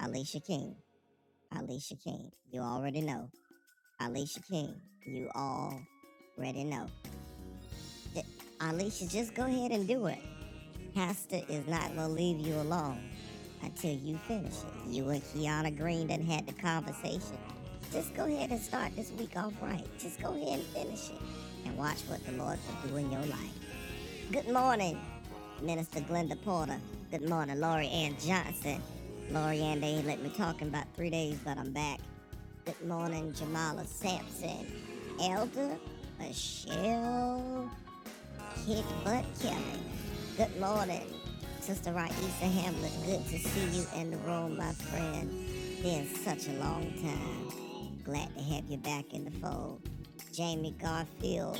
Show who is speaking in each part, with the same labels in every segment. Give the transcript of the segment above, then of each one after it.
Speaker 1: Alicia King. Alicia King. You already know. Alicia King. You already know. Th- Alicia, just go ahead and do it. Pastor is not going to leave you alone until you finish it. You and Kiana Green done had the conversation. Just go ahead and start this week off right. Just go ahead and finish it. And watch what the Lord will do in your life. Good morning, Minister Glenda Porter. Good morning, Laurie Ann Johnson. Laurie Ann, they ain't let me talk in about three days, but I'm back. Good morning, Jamala Sampson. Elder Michelle hit butt Kelly. Good morning, Sister Raisa Hamlet. Good to see you in the room, my friend. Been such a long time. Glad to have you back in the fold. Jamie Garfield,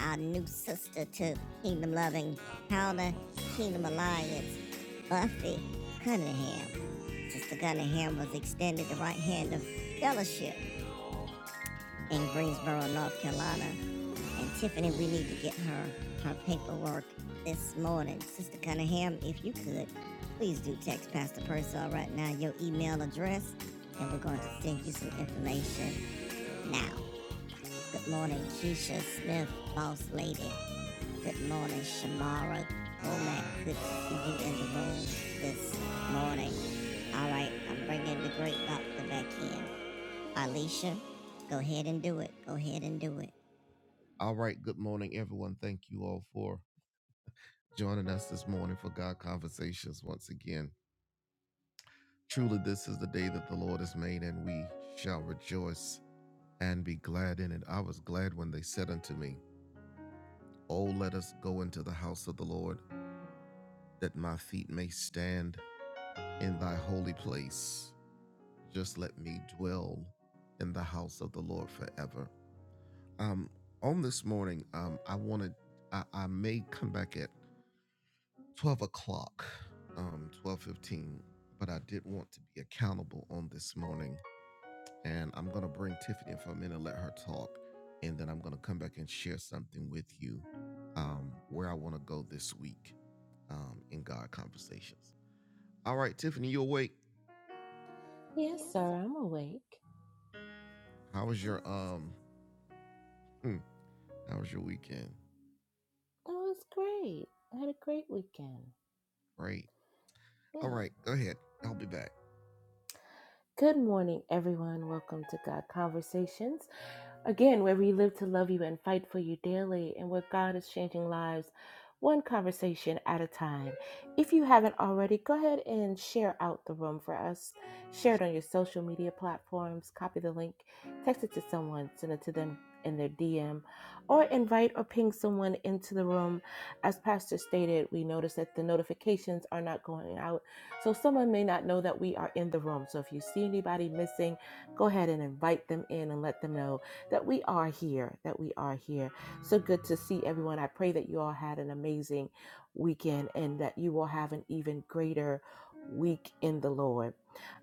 Speaker 1: our new sister to Kingdom Loving Counter Kingdom Alliance, Buffy Cunningham. Sister Cunningham was extended the right hand of fellowship in Greensboro, North Carolina. And Tiffany, we need to get her her paperwork this morning. Sister Cunningham, if you could, please do text Pastor Purcell right now your email address, and we're going to send you some information now. Good morning, Keisha Smith, boss lady. Good morning, Shamara Womack. Good to see you in the room this morning. All right, I'm bringing the great doctor back in. Alicia, go ahead and do it. Go ahead and do it.
Speaker 2: Yes, sir, I'm awake. That was great. I had a great weekend. Yeah. Good morning, everyone. Welcome to God Conversations. Again, where we live to love you and fight for you daily, and where God is changing lives one conversation at a time. If you haven't already, go ahead and share out the room for us. Share it on your social media platforms, copy the link, text it to someone, send it to them in their DM, or invite or ping someone into the room. As Pastor stated, we notice that the notifications are not going out, so someone may not know that we are in the room. So if you see anybody missing, go ahead and invite them in and let them know that we are here, that we are here. So good to see everyone. I pray that you all had an amazing weekend and that you will have an even greater week in the Lord.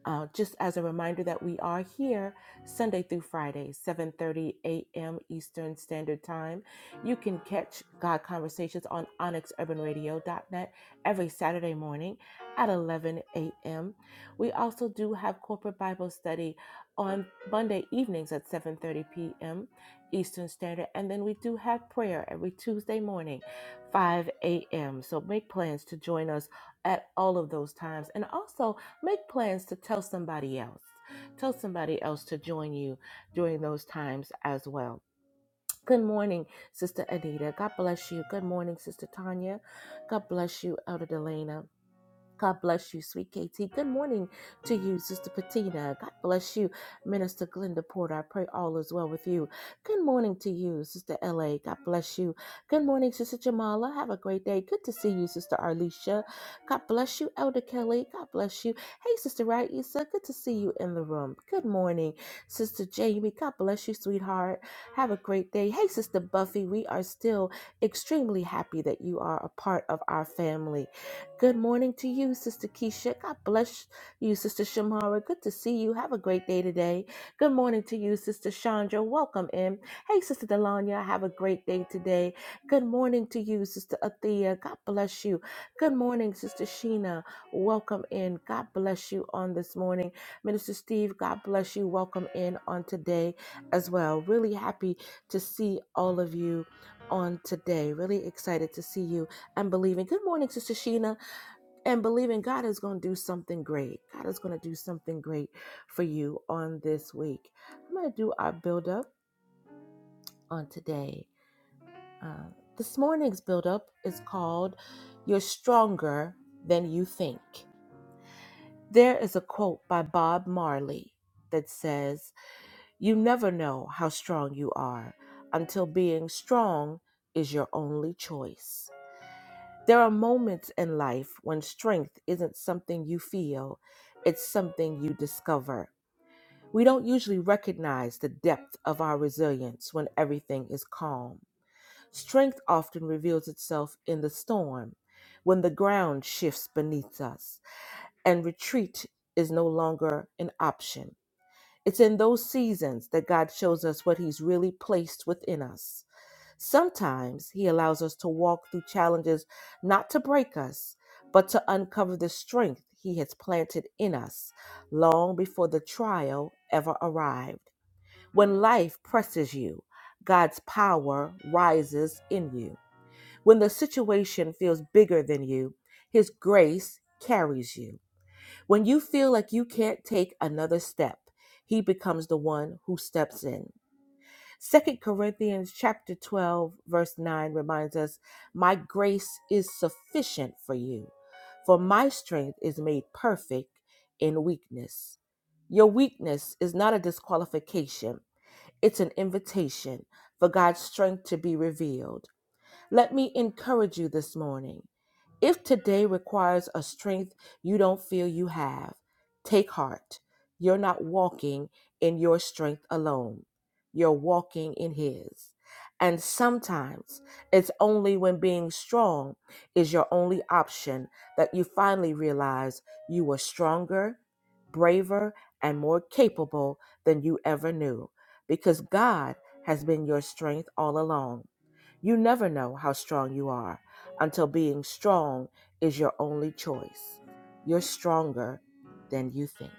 Speaker 2: Uh, just as a reminder that we are here Sunday through Friday, 7:30 a.m. Eastern Standard Time. You can catch God Conversations on onyxurbanradio.net every Saturday morning at 11 a.m. We also do have corporate Bible study on Monday evenings at 7:30 p.m. Eastern Standard, and then we do have prayer every Tuesday morning, 5 a.m. So make plans to join us at all of those times, and also make plans to tell somebody else. Tell somebody else to join you during those times as well. Good morning, Sister Anita. God bless you. Good morning, Sister Tanya. God bless you, Elder Delana. God bless you, sweet Katie. Good morning to you, Sister Patina. God bless you, Minister Glenda Porter. I pray all is well with you. Good morning to you, Sister LA. God bless you. Good morning, Sister Jamala. Have a great day. Good to see you, Sister Arlisha. God bless you, Elder Kelly. God bless you. Hey, Sister Raisa. Good to see you in the room. Good morning, Sister Jamie. God bless you, sweetheart. Have a great day. Hey, Sister Buffy. We are still extremely happy that you are a part of our family. Good morning to you, Sister Keisha. God bless you, Sister Shamara. Good to see you. Have a great day today. Good morning to you, Sister Chandra. Welcome in. Hey, Sister Delanya. Have a great day today. Good morning to you, Sister Athea. God bless you. Good morning, Sister Sheena. Welcome in. God bless you on this morning. Minister Steve, God bless you. Welcome in on today as well. Really happy to see all of you on today. Really excited to see you. and believing. Good morning, Sister Sheena and believing God is going to do something great. God is going to do something great for you on this week. I'm going to do our build up on today. Uh, this morning's build up is called You're Stronger Than You Think. There is a quote by Bob Marley that says, You never know how strong you are until being strong is your only choice. There are moments in life when strength isn't something you feel, it's something you discover. We don't usually recognize the depth of our resilience when everything is calm. Strength often reveals itself in the storm, when the ground shifts beneath us and retreat is no longer an option. It's in those seasons that God shows us what He's really placed within us. Sometimes He allows us to walk through challenges not to break us, but to uncover the strength He has planted in us long before the trial ever arrived. When life presses you, God's power rises in you. When the situation feels bigger than you, His grace carries you. When you feel like you can't take another step, He becomes the one who steps in. Second Corinthians chapter 12 verse 9 reminds us, "My grace is sufficient for you, for my strength is made perfect in weakness." Your weakness is not a disqualification, it's an invitation for God's strength to be revealed. Let me encourage you this morning. If today requires a strength you don't feel you have, take heart. You're not walking in your strength alone, you're walking in His. And sometimes it's only when being strong is your only option that you finally realize you were stronger, braver, and more capable than you ever knew because God has been your strength all along. You never know how strong you are until being strong is your only choice. You're stronger than you think.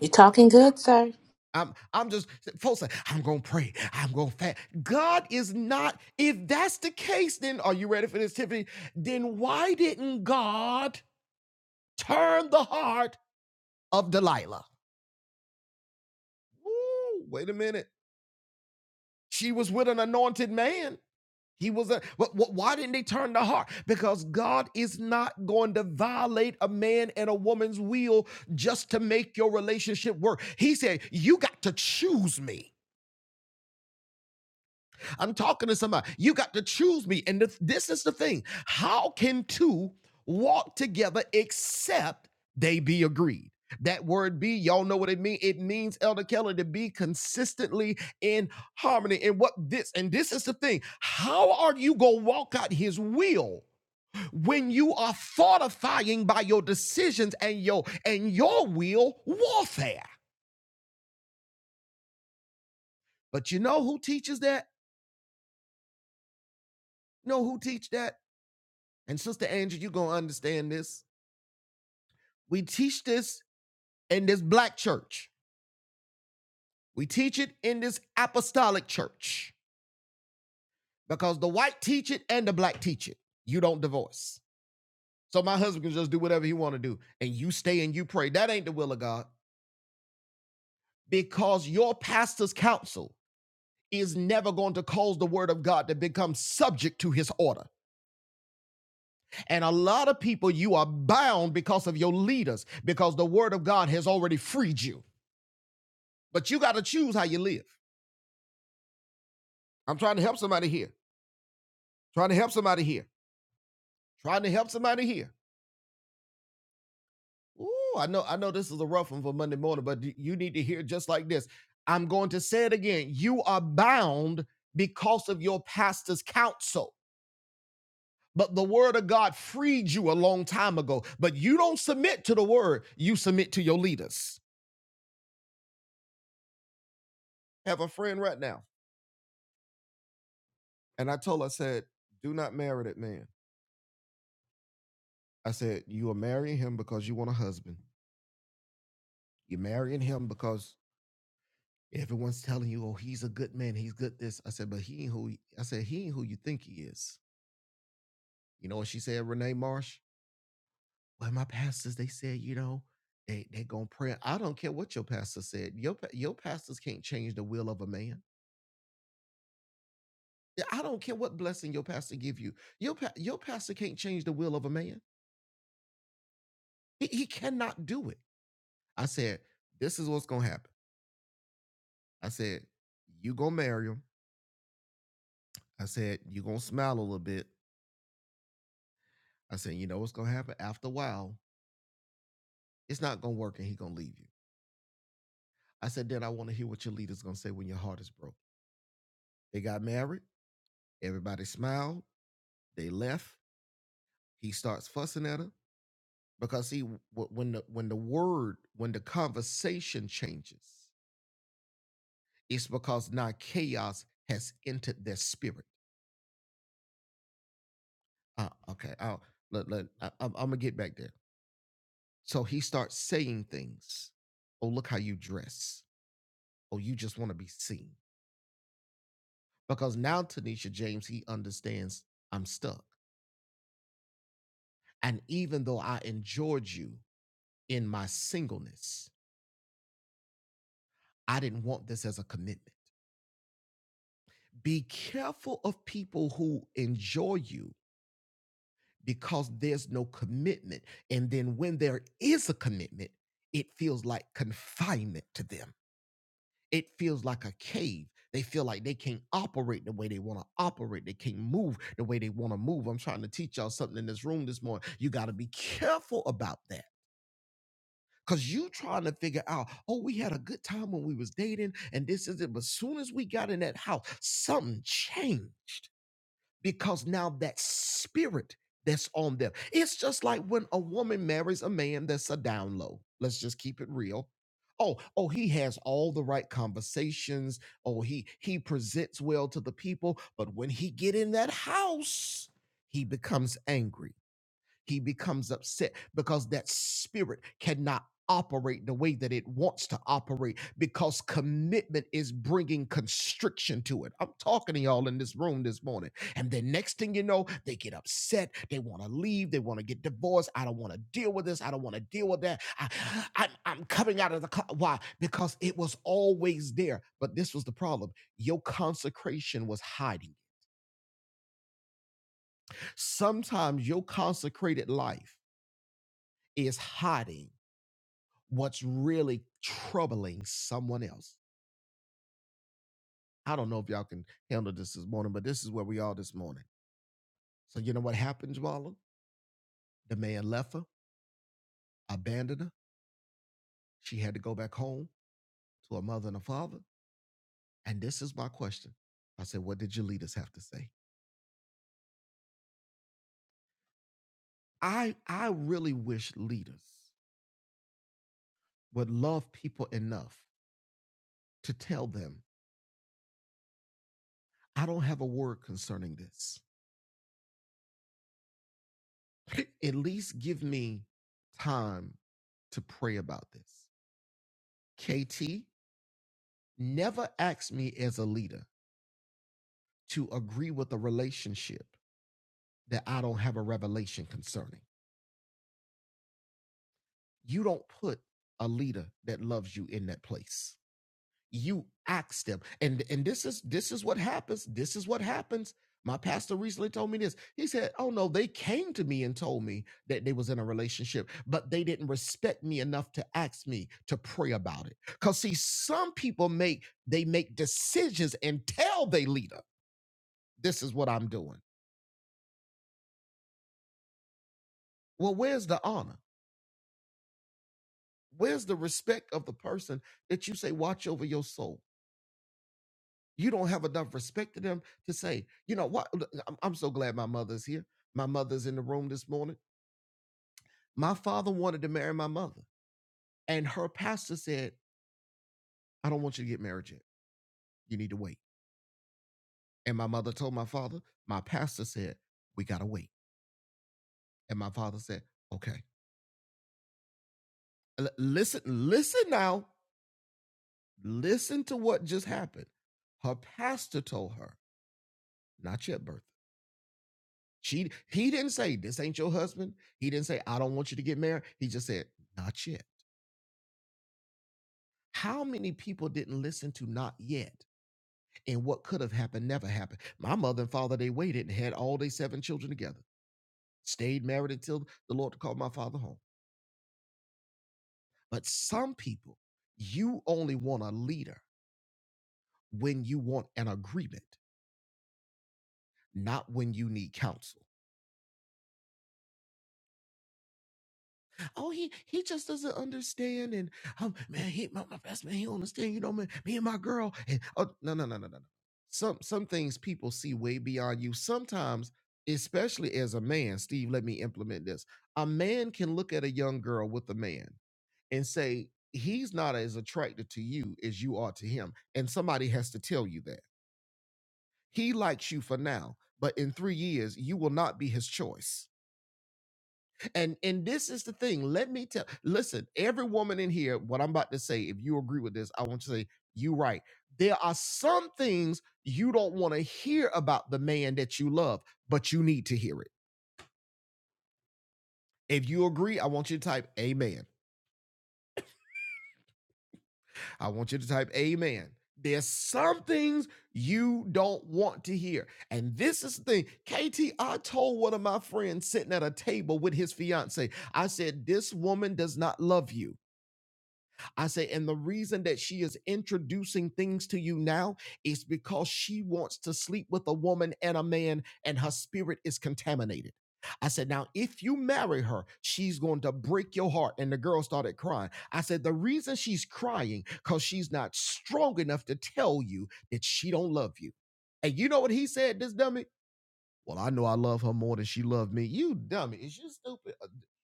Speaker 2: You are talking good, sir?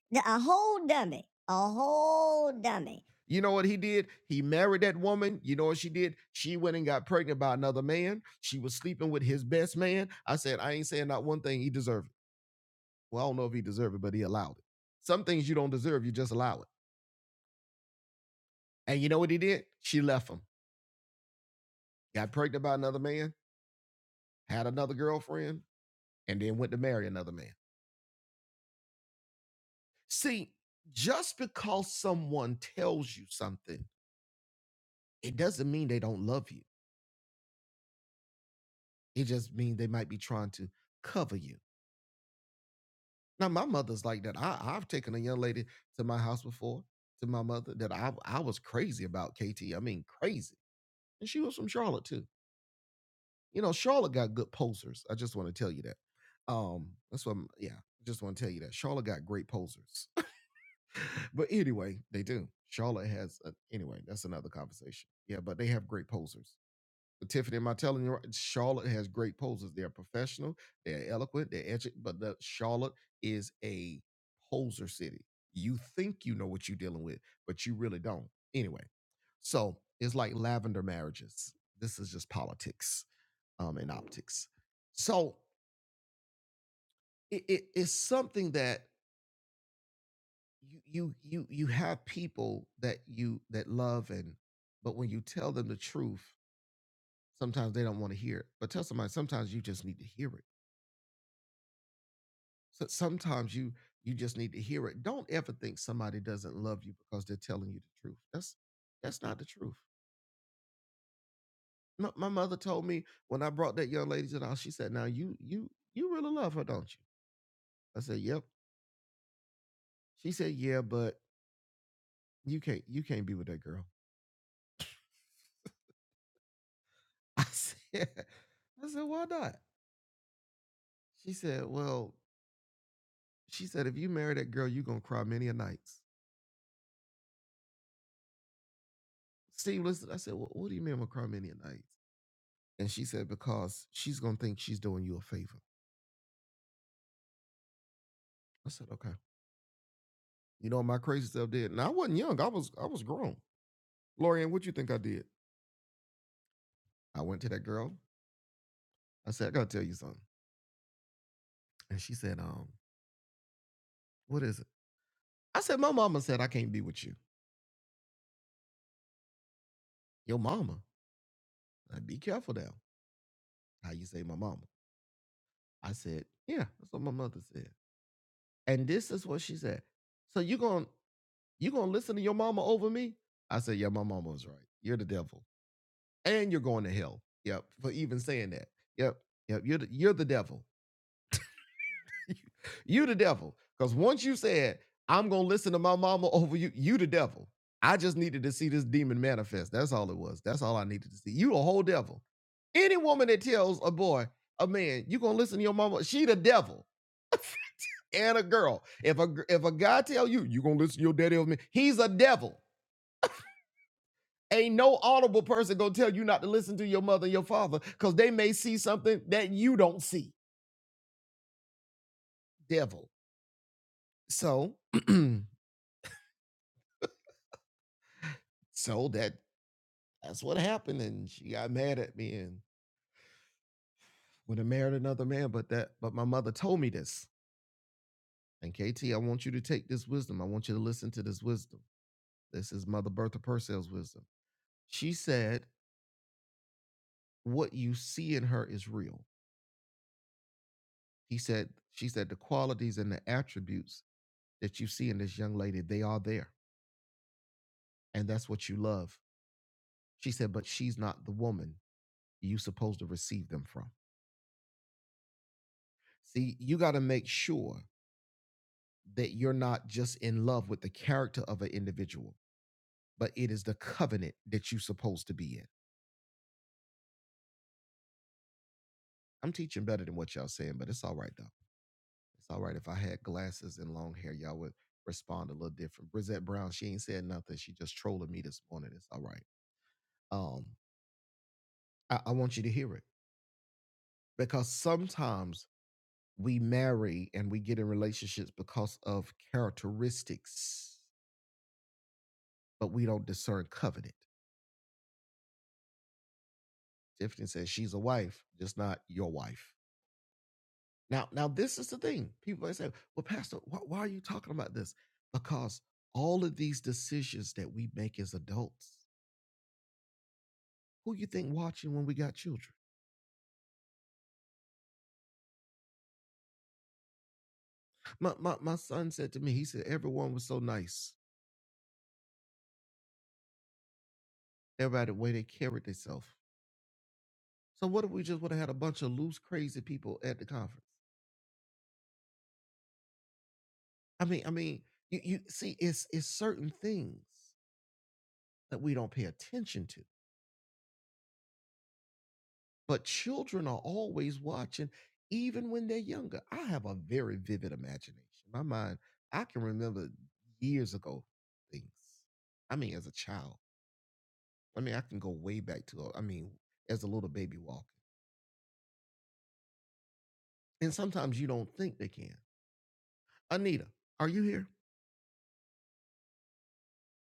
Speaker 1: The- A whole dummy. A whole dummy.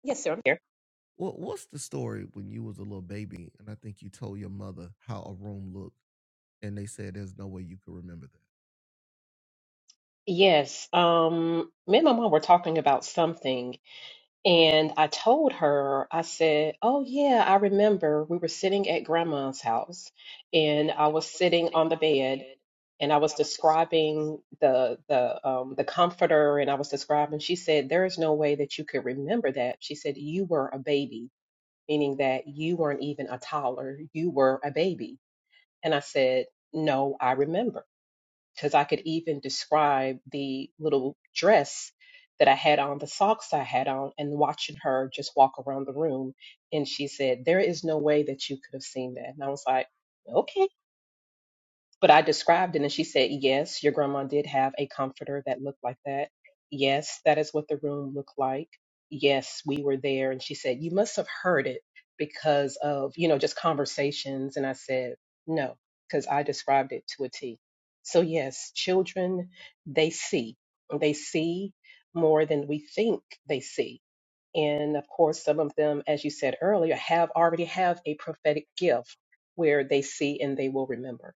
Speaker 3: Yes, sir, I'm here. Yes. Um, me and my mom were talking about something, and I told her, I said, Oh, yeah, I remember we were sitting at grandma's house, and I was sitting on the bed. And I was describing the the um, the comforter, and I was describing. She said, "There is no way that you could remember that." She said, "You were a baby, meaning that you weren't even a toddler. You were a baby." And I said, "No, I remember." because I could even describe the little dress that I had on, the socks I had on, and watching her just walk around the room. And she said, There is no way that you could have seen that. And I was like, Okay but I described it and she said, Yes, your grandma did have a comforter that looked like that. Yes, that is what the room looked like. Yes, we were there. And she said, You must have heard it because of, you know, just conversations. And I said, No, because I described it to a T. So, yes, children, they see. They see more than we think they see. And of course, some of them, as you said earlier, have already have a prophetic gift where they see and they will remember.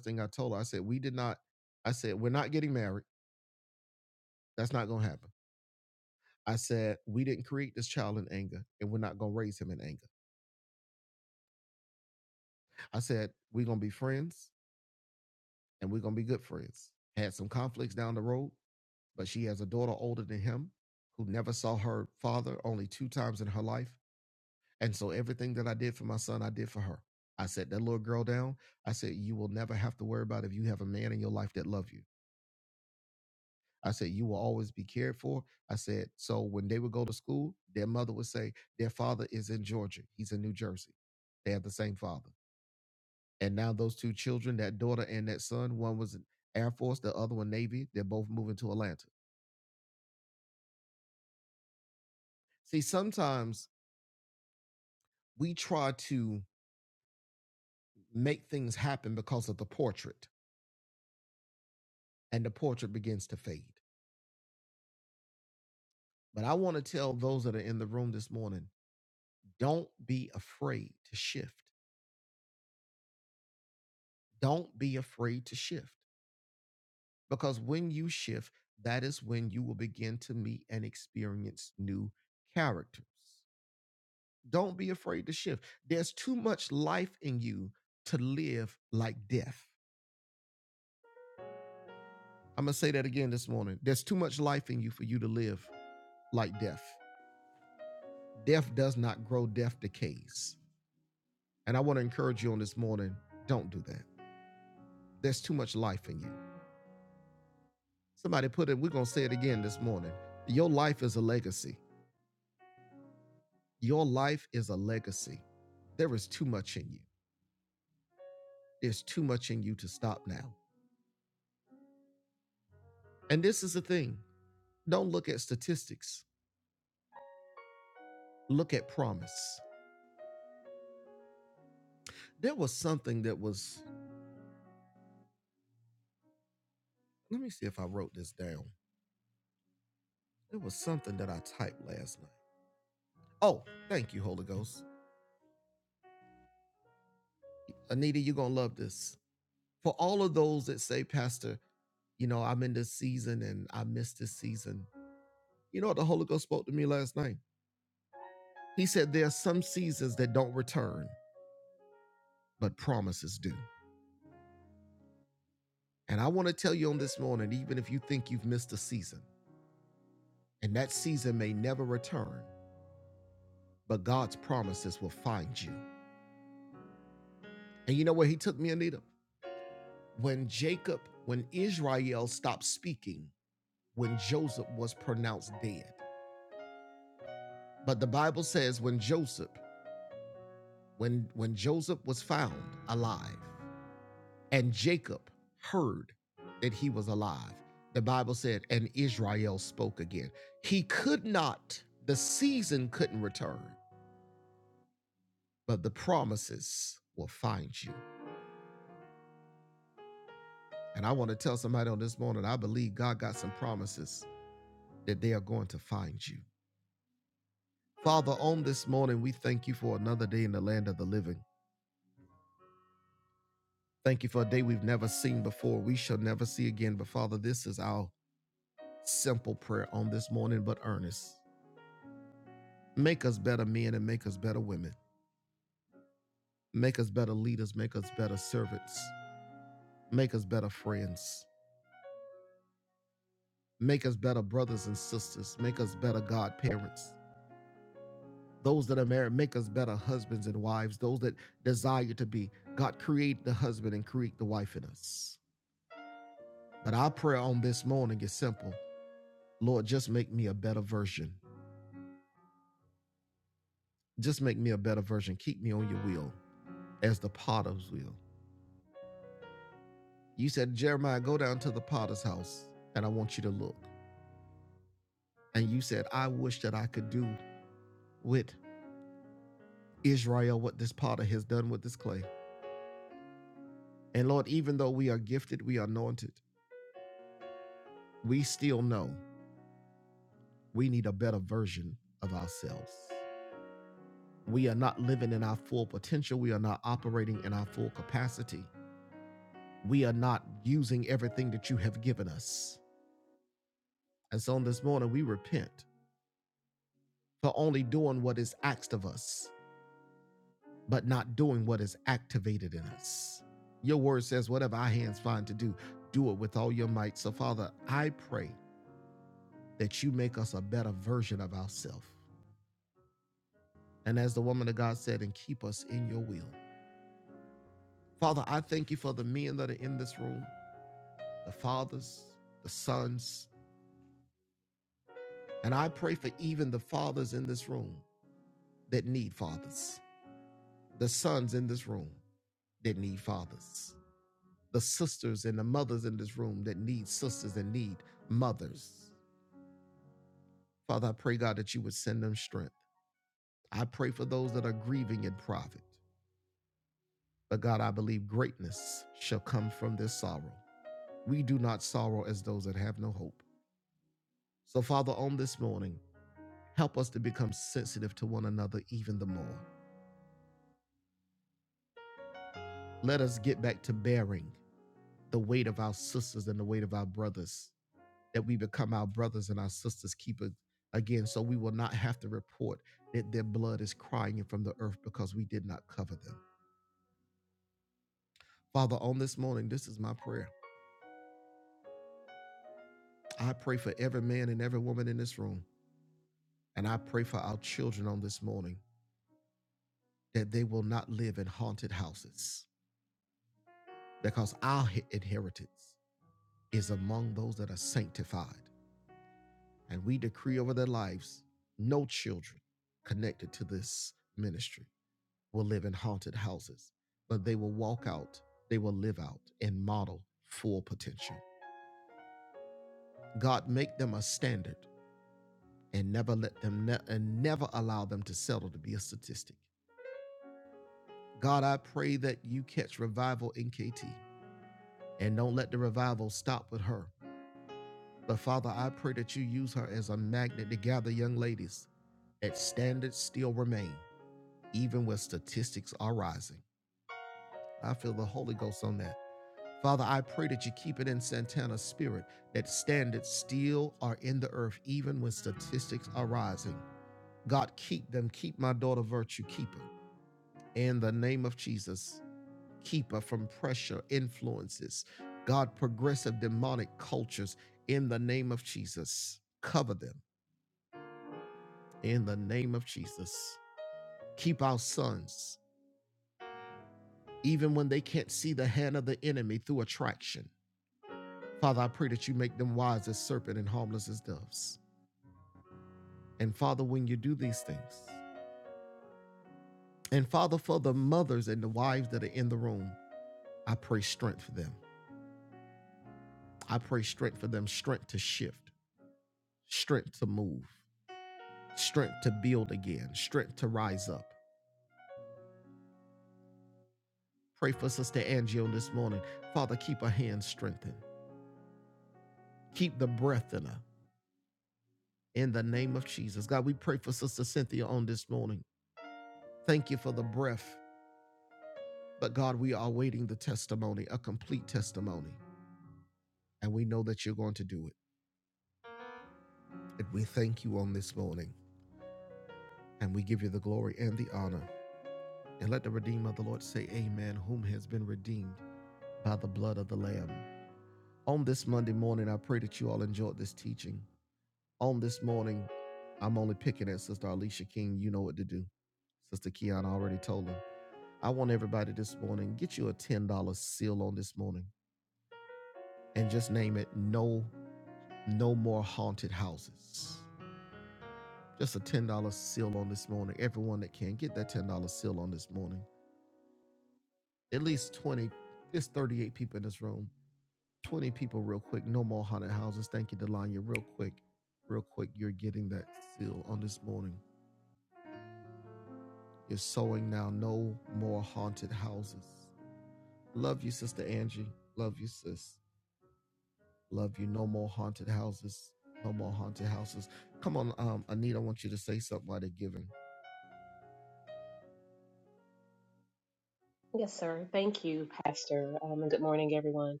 Speaker 3: Yes, sir. Thank you, Pastor. Um, and good morning, everyone.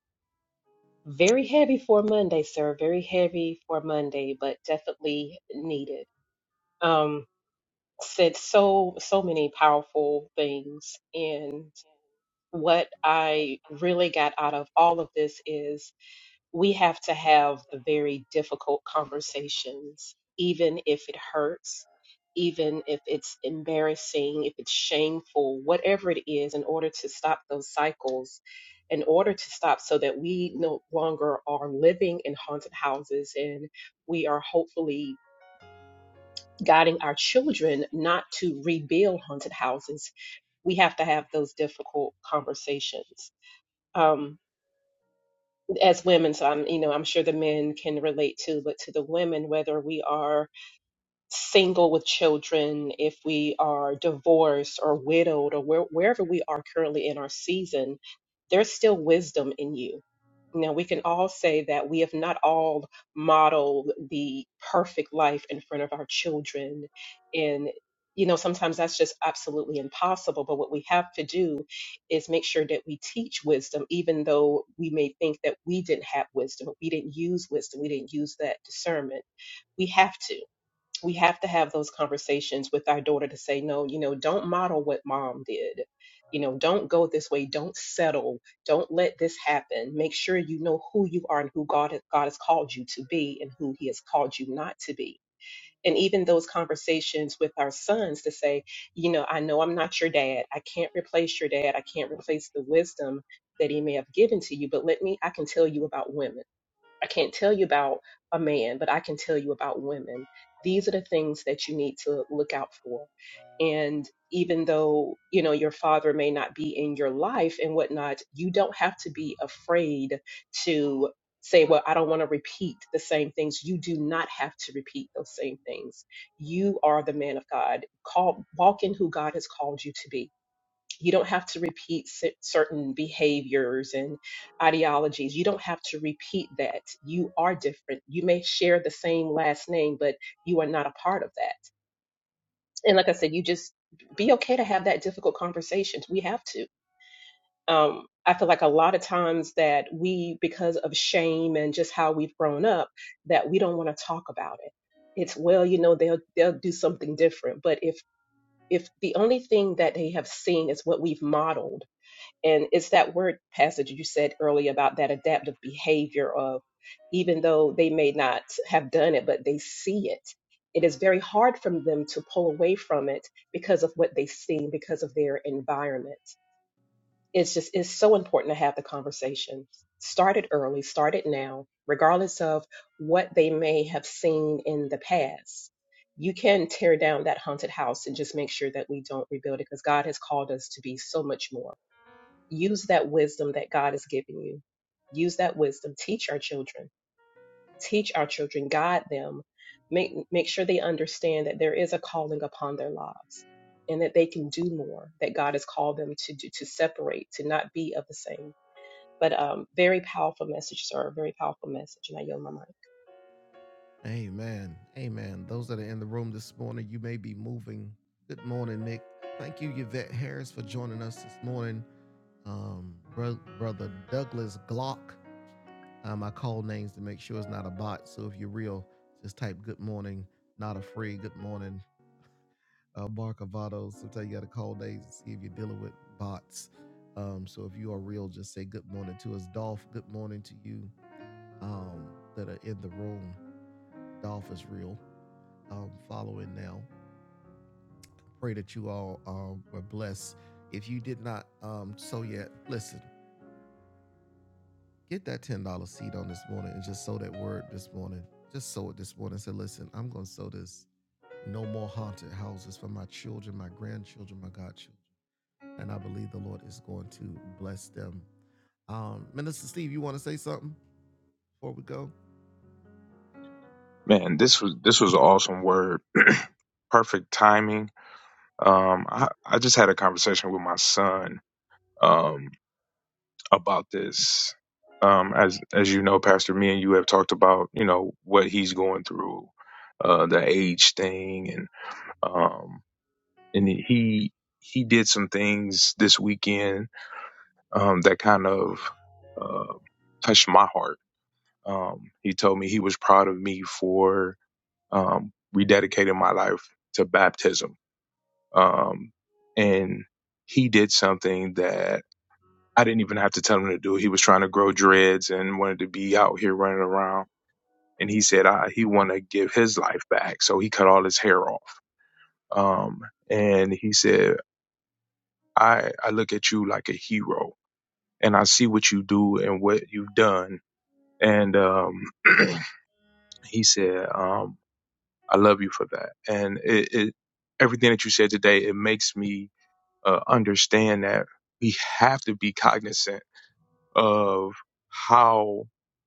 Speaker 3: Very heavy for Monday, sir. Very heavy for Monday, but definitely needed. Um, said so so many powerful things, and what I really got out of all of this is we have to have the very difficult conversations, even if it hurts, even if it's embarrassing, if it's shameful, whatever it is, in order to stop those cycles, in order to stop so that we no longer are living in haunted houses and we are hopefully guiding our children not to rebuild haunted houses. We have to have those difficult conversations. Um, as women so i'm you know i'm sure the men can relate too but to the women whether we are single with children, if we are divorced or widowed, or where, wherever we are currently in our season, there's still wisdom in you. Now, we can all say that we have not all modeled the perfect life in front of our children. And, you know, sometimes that's just absolutely impossible. But what we have to do is make sure that we teach wisdom, even though we may think that we didn't have wisdom, we didn't use wisdom, we didn't use that discernment we have to we have to have those conversations with our daughter to say, no, you know, don't model what mom did. You know, don't go this way. Don't settle. Don't let this happen. Make sure you know who you are and who God, God has called you to be and who He has called you not to be. And even those conversations with our sons to say, you know, I know I'm not your dad. I can't replace your dad. I can't replace the wisdom that he may have given to you, but let me, I can tell you about women. I can't tell you about a man, but I can tell you about women. These are the things that you need to look out for. And even though, you know, your father may not be in your life and whatnot, you don't have to be afraid to say, well, I don't want to repeat the same things. You do not have to repeat those same things. You are the man of God. Call, walk in who God has called you to be you don't have to repeat cer- certain behaviors and ideologies. You don't have to repeat that. You are different. You may share the same last name, but you are not a part of that. And like I said, you just be okay to have that difficult conversations. We have to. Um, I feel like a lot of times that we, because of shame and just how we've grown up, that we don't want to talk about it. It's well, you know, they'll they'll do something different. But if if the only thing that they have seen is what we've modeled and it's that word passage you said earlier about that adaptive behavior of even though they may not have done it, but they see it. It is very hard for them to pull away from it because of what they see, because of their environment. It's just, it's so important to have the conversation. Start it early, start it now, regardless of what they may have seen in the past. You can tear down that haunted house and just make sure that we don't rebuild it because God has called us to be so much more use that wisdom that God has given you. Use that wisdom. Teach our children. Teach our children. Guide them. Make make sure they understand that there is a calling upon their lives and that they can do more. That God has called them to do to separate, to not be of the same. But um, very powerful message, sir. Very powerful message, and I yield my mic.
Speaker 4: Man, this was this was an awesome word. Perfect timing. Um, I, I just had a conversation with my son um, about this. Um, as as you know, Pastor, me and you have talked about you know what he's going through, uh, the age thing, and um, and he he did some things this weekend um, that kind of uh, touched my heart. Um, he told me he was proud of me for um, rededicated my life to baptism. Um, and he did something that I didn't even have to tell him to do. He was trying to grow dreads and wanted to be out here running around. And he said uh, he want to give his life back. So he cut all his hair off. Um, and he said, I, I look at you like a hero and I see what you do and what you've done. And, um, he said, um, I love you for that. And it, it everything that you said today, it makes me uh, understand that we have to be cognizant of how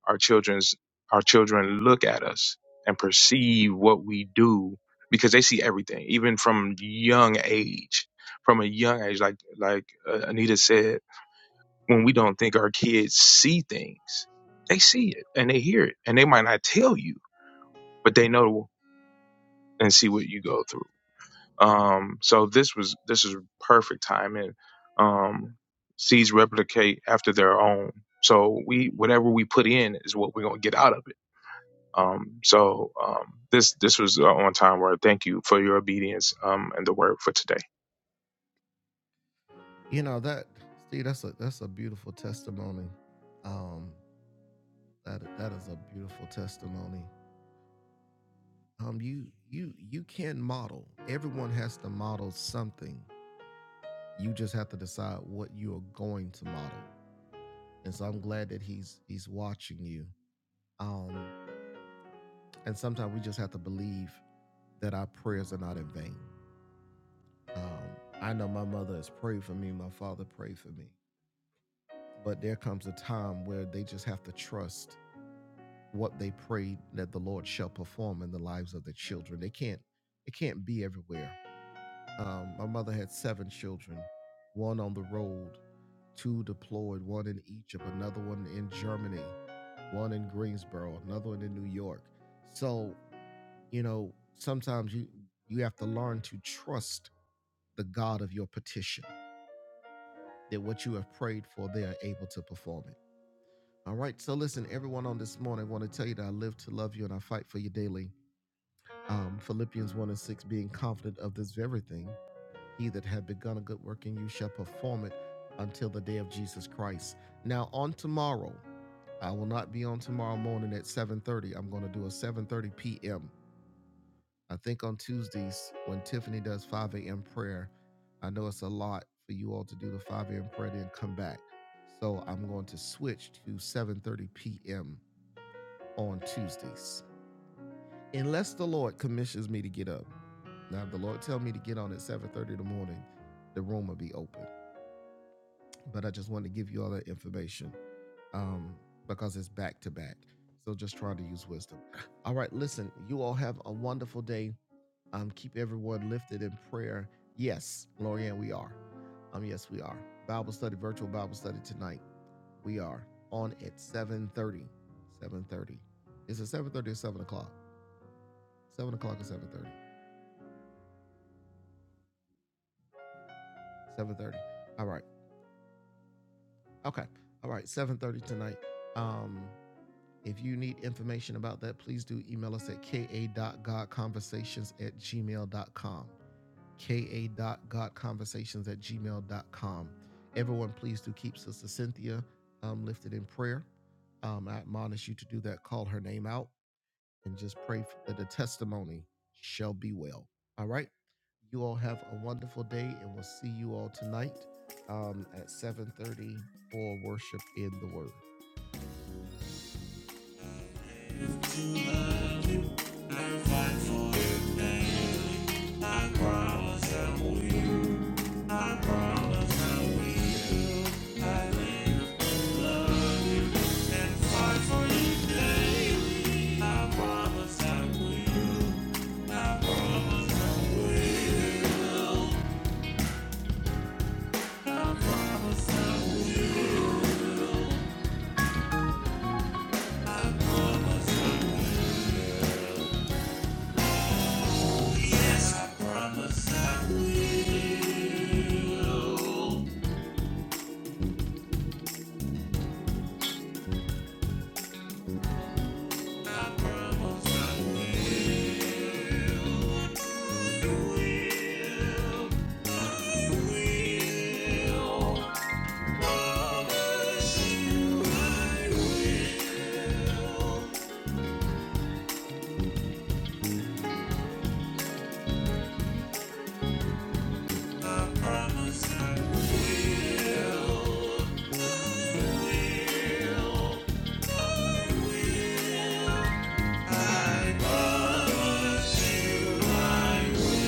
Speaker 4: our children's our children look at us and perceive what we do because they see everything even from young age from a young age like like uh, Anita said when we don't think our kids see things they see it and they hear it and they might not tell you but they know and see what you go through Um, so this was this is perfect timing. Um, seeds replicate after their own. So we whatever we put in is what we're gonna get out of it. Um, so um, this this was uh, on time. Word. thank you for your obedience um, and the word for today.
Speaker 1: Promise I will. Promise I promise I will. Will. Promise you I will. I promise I will. I promise you I will.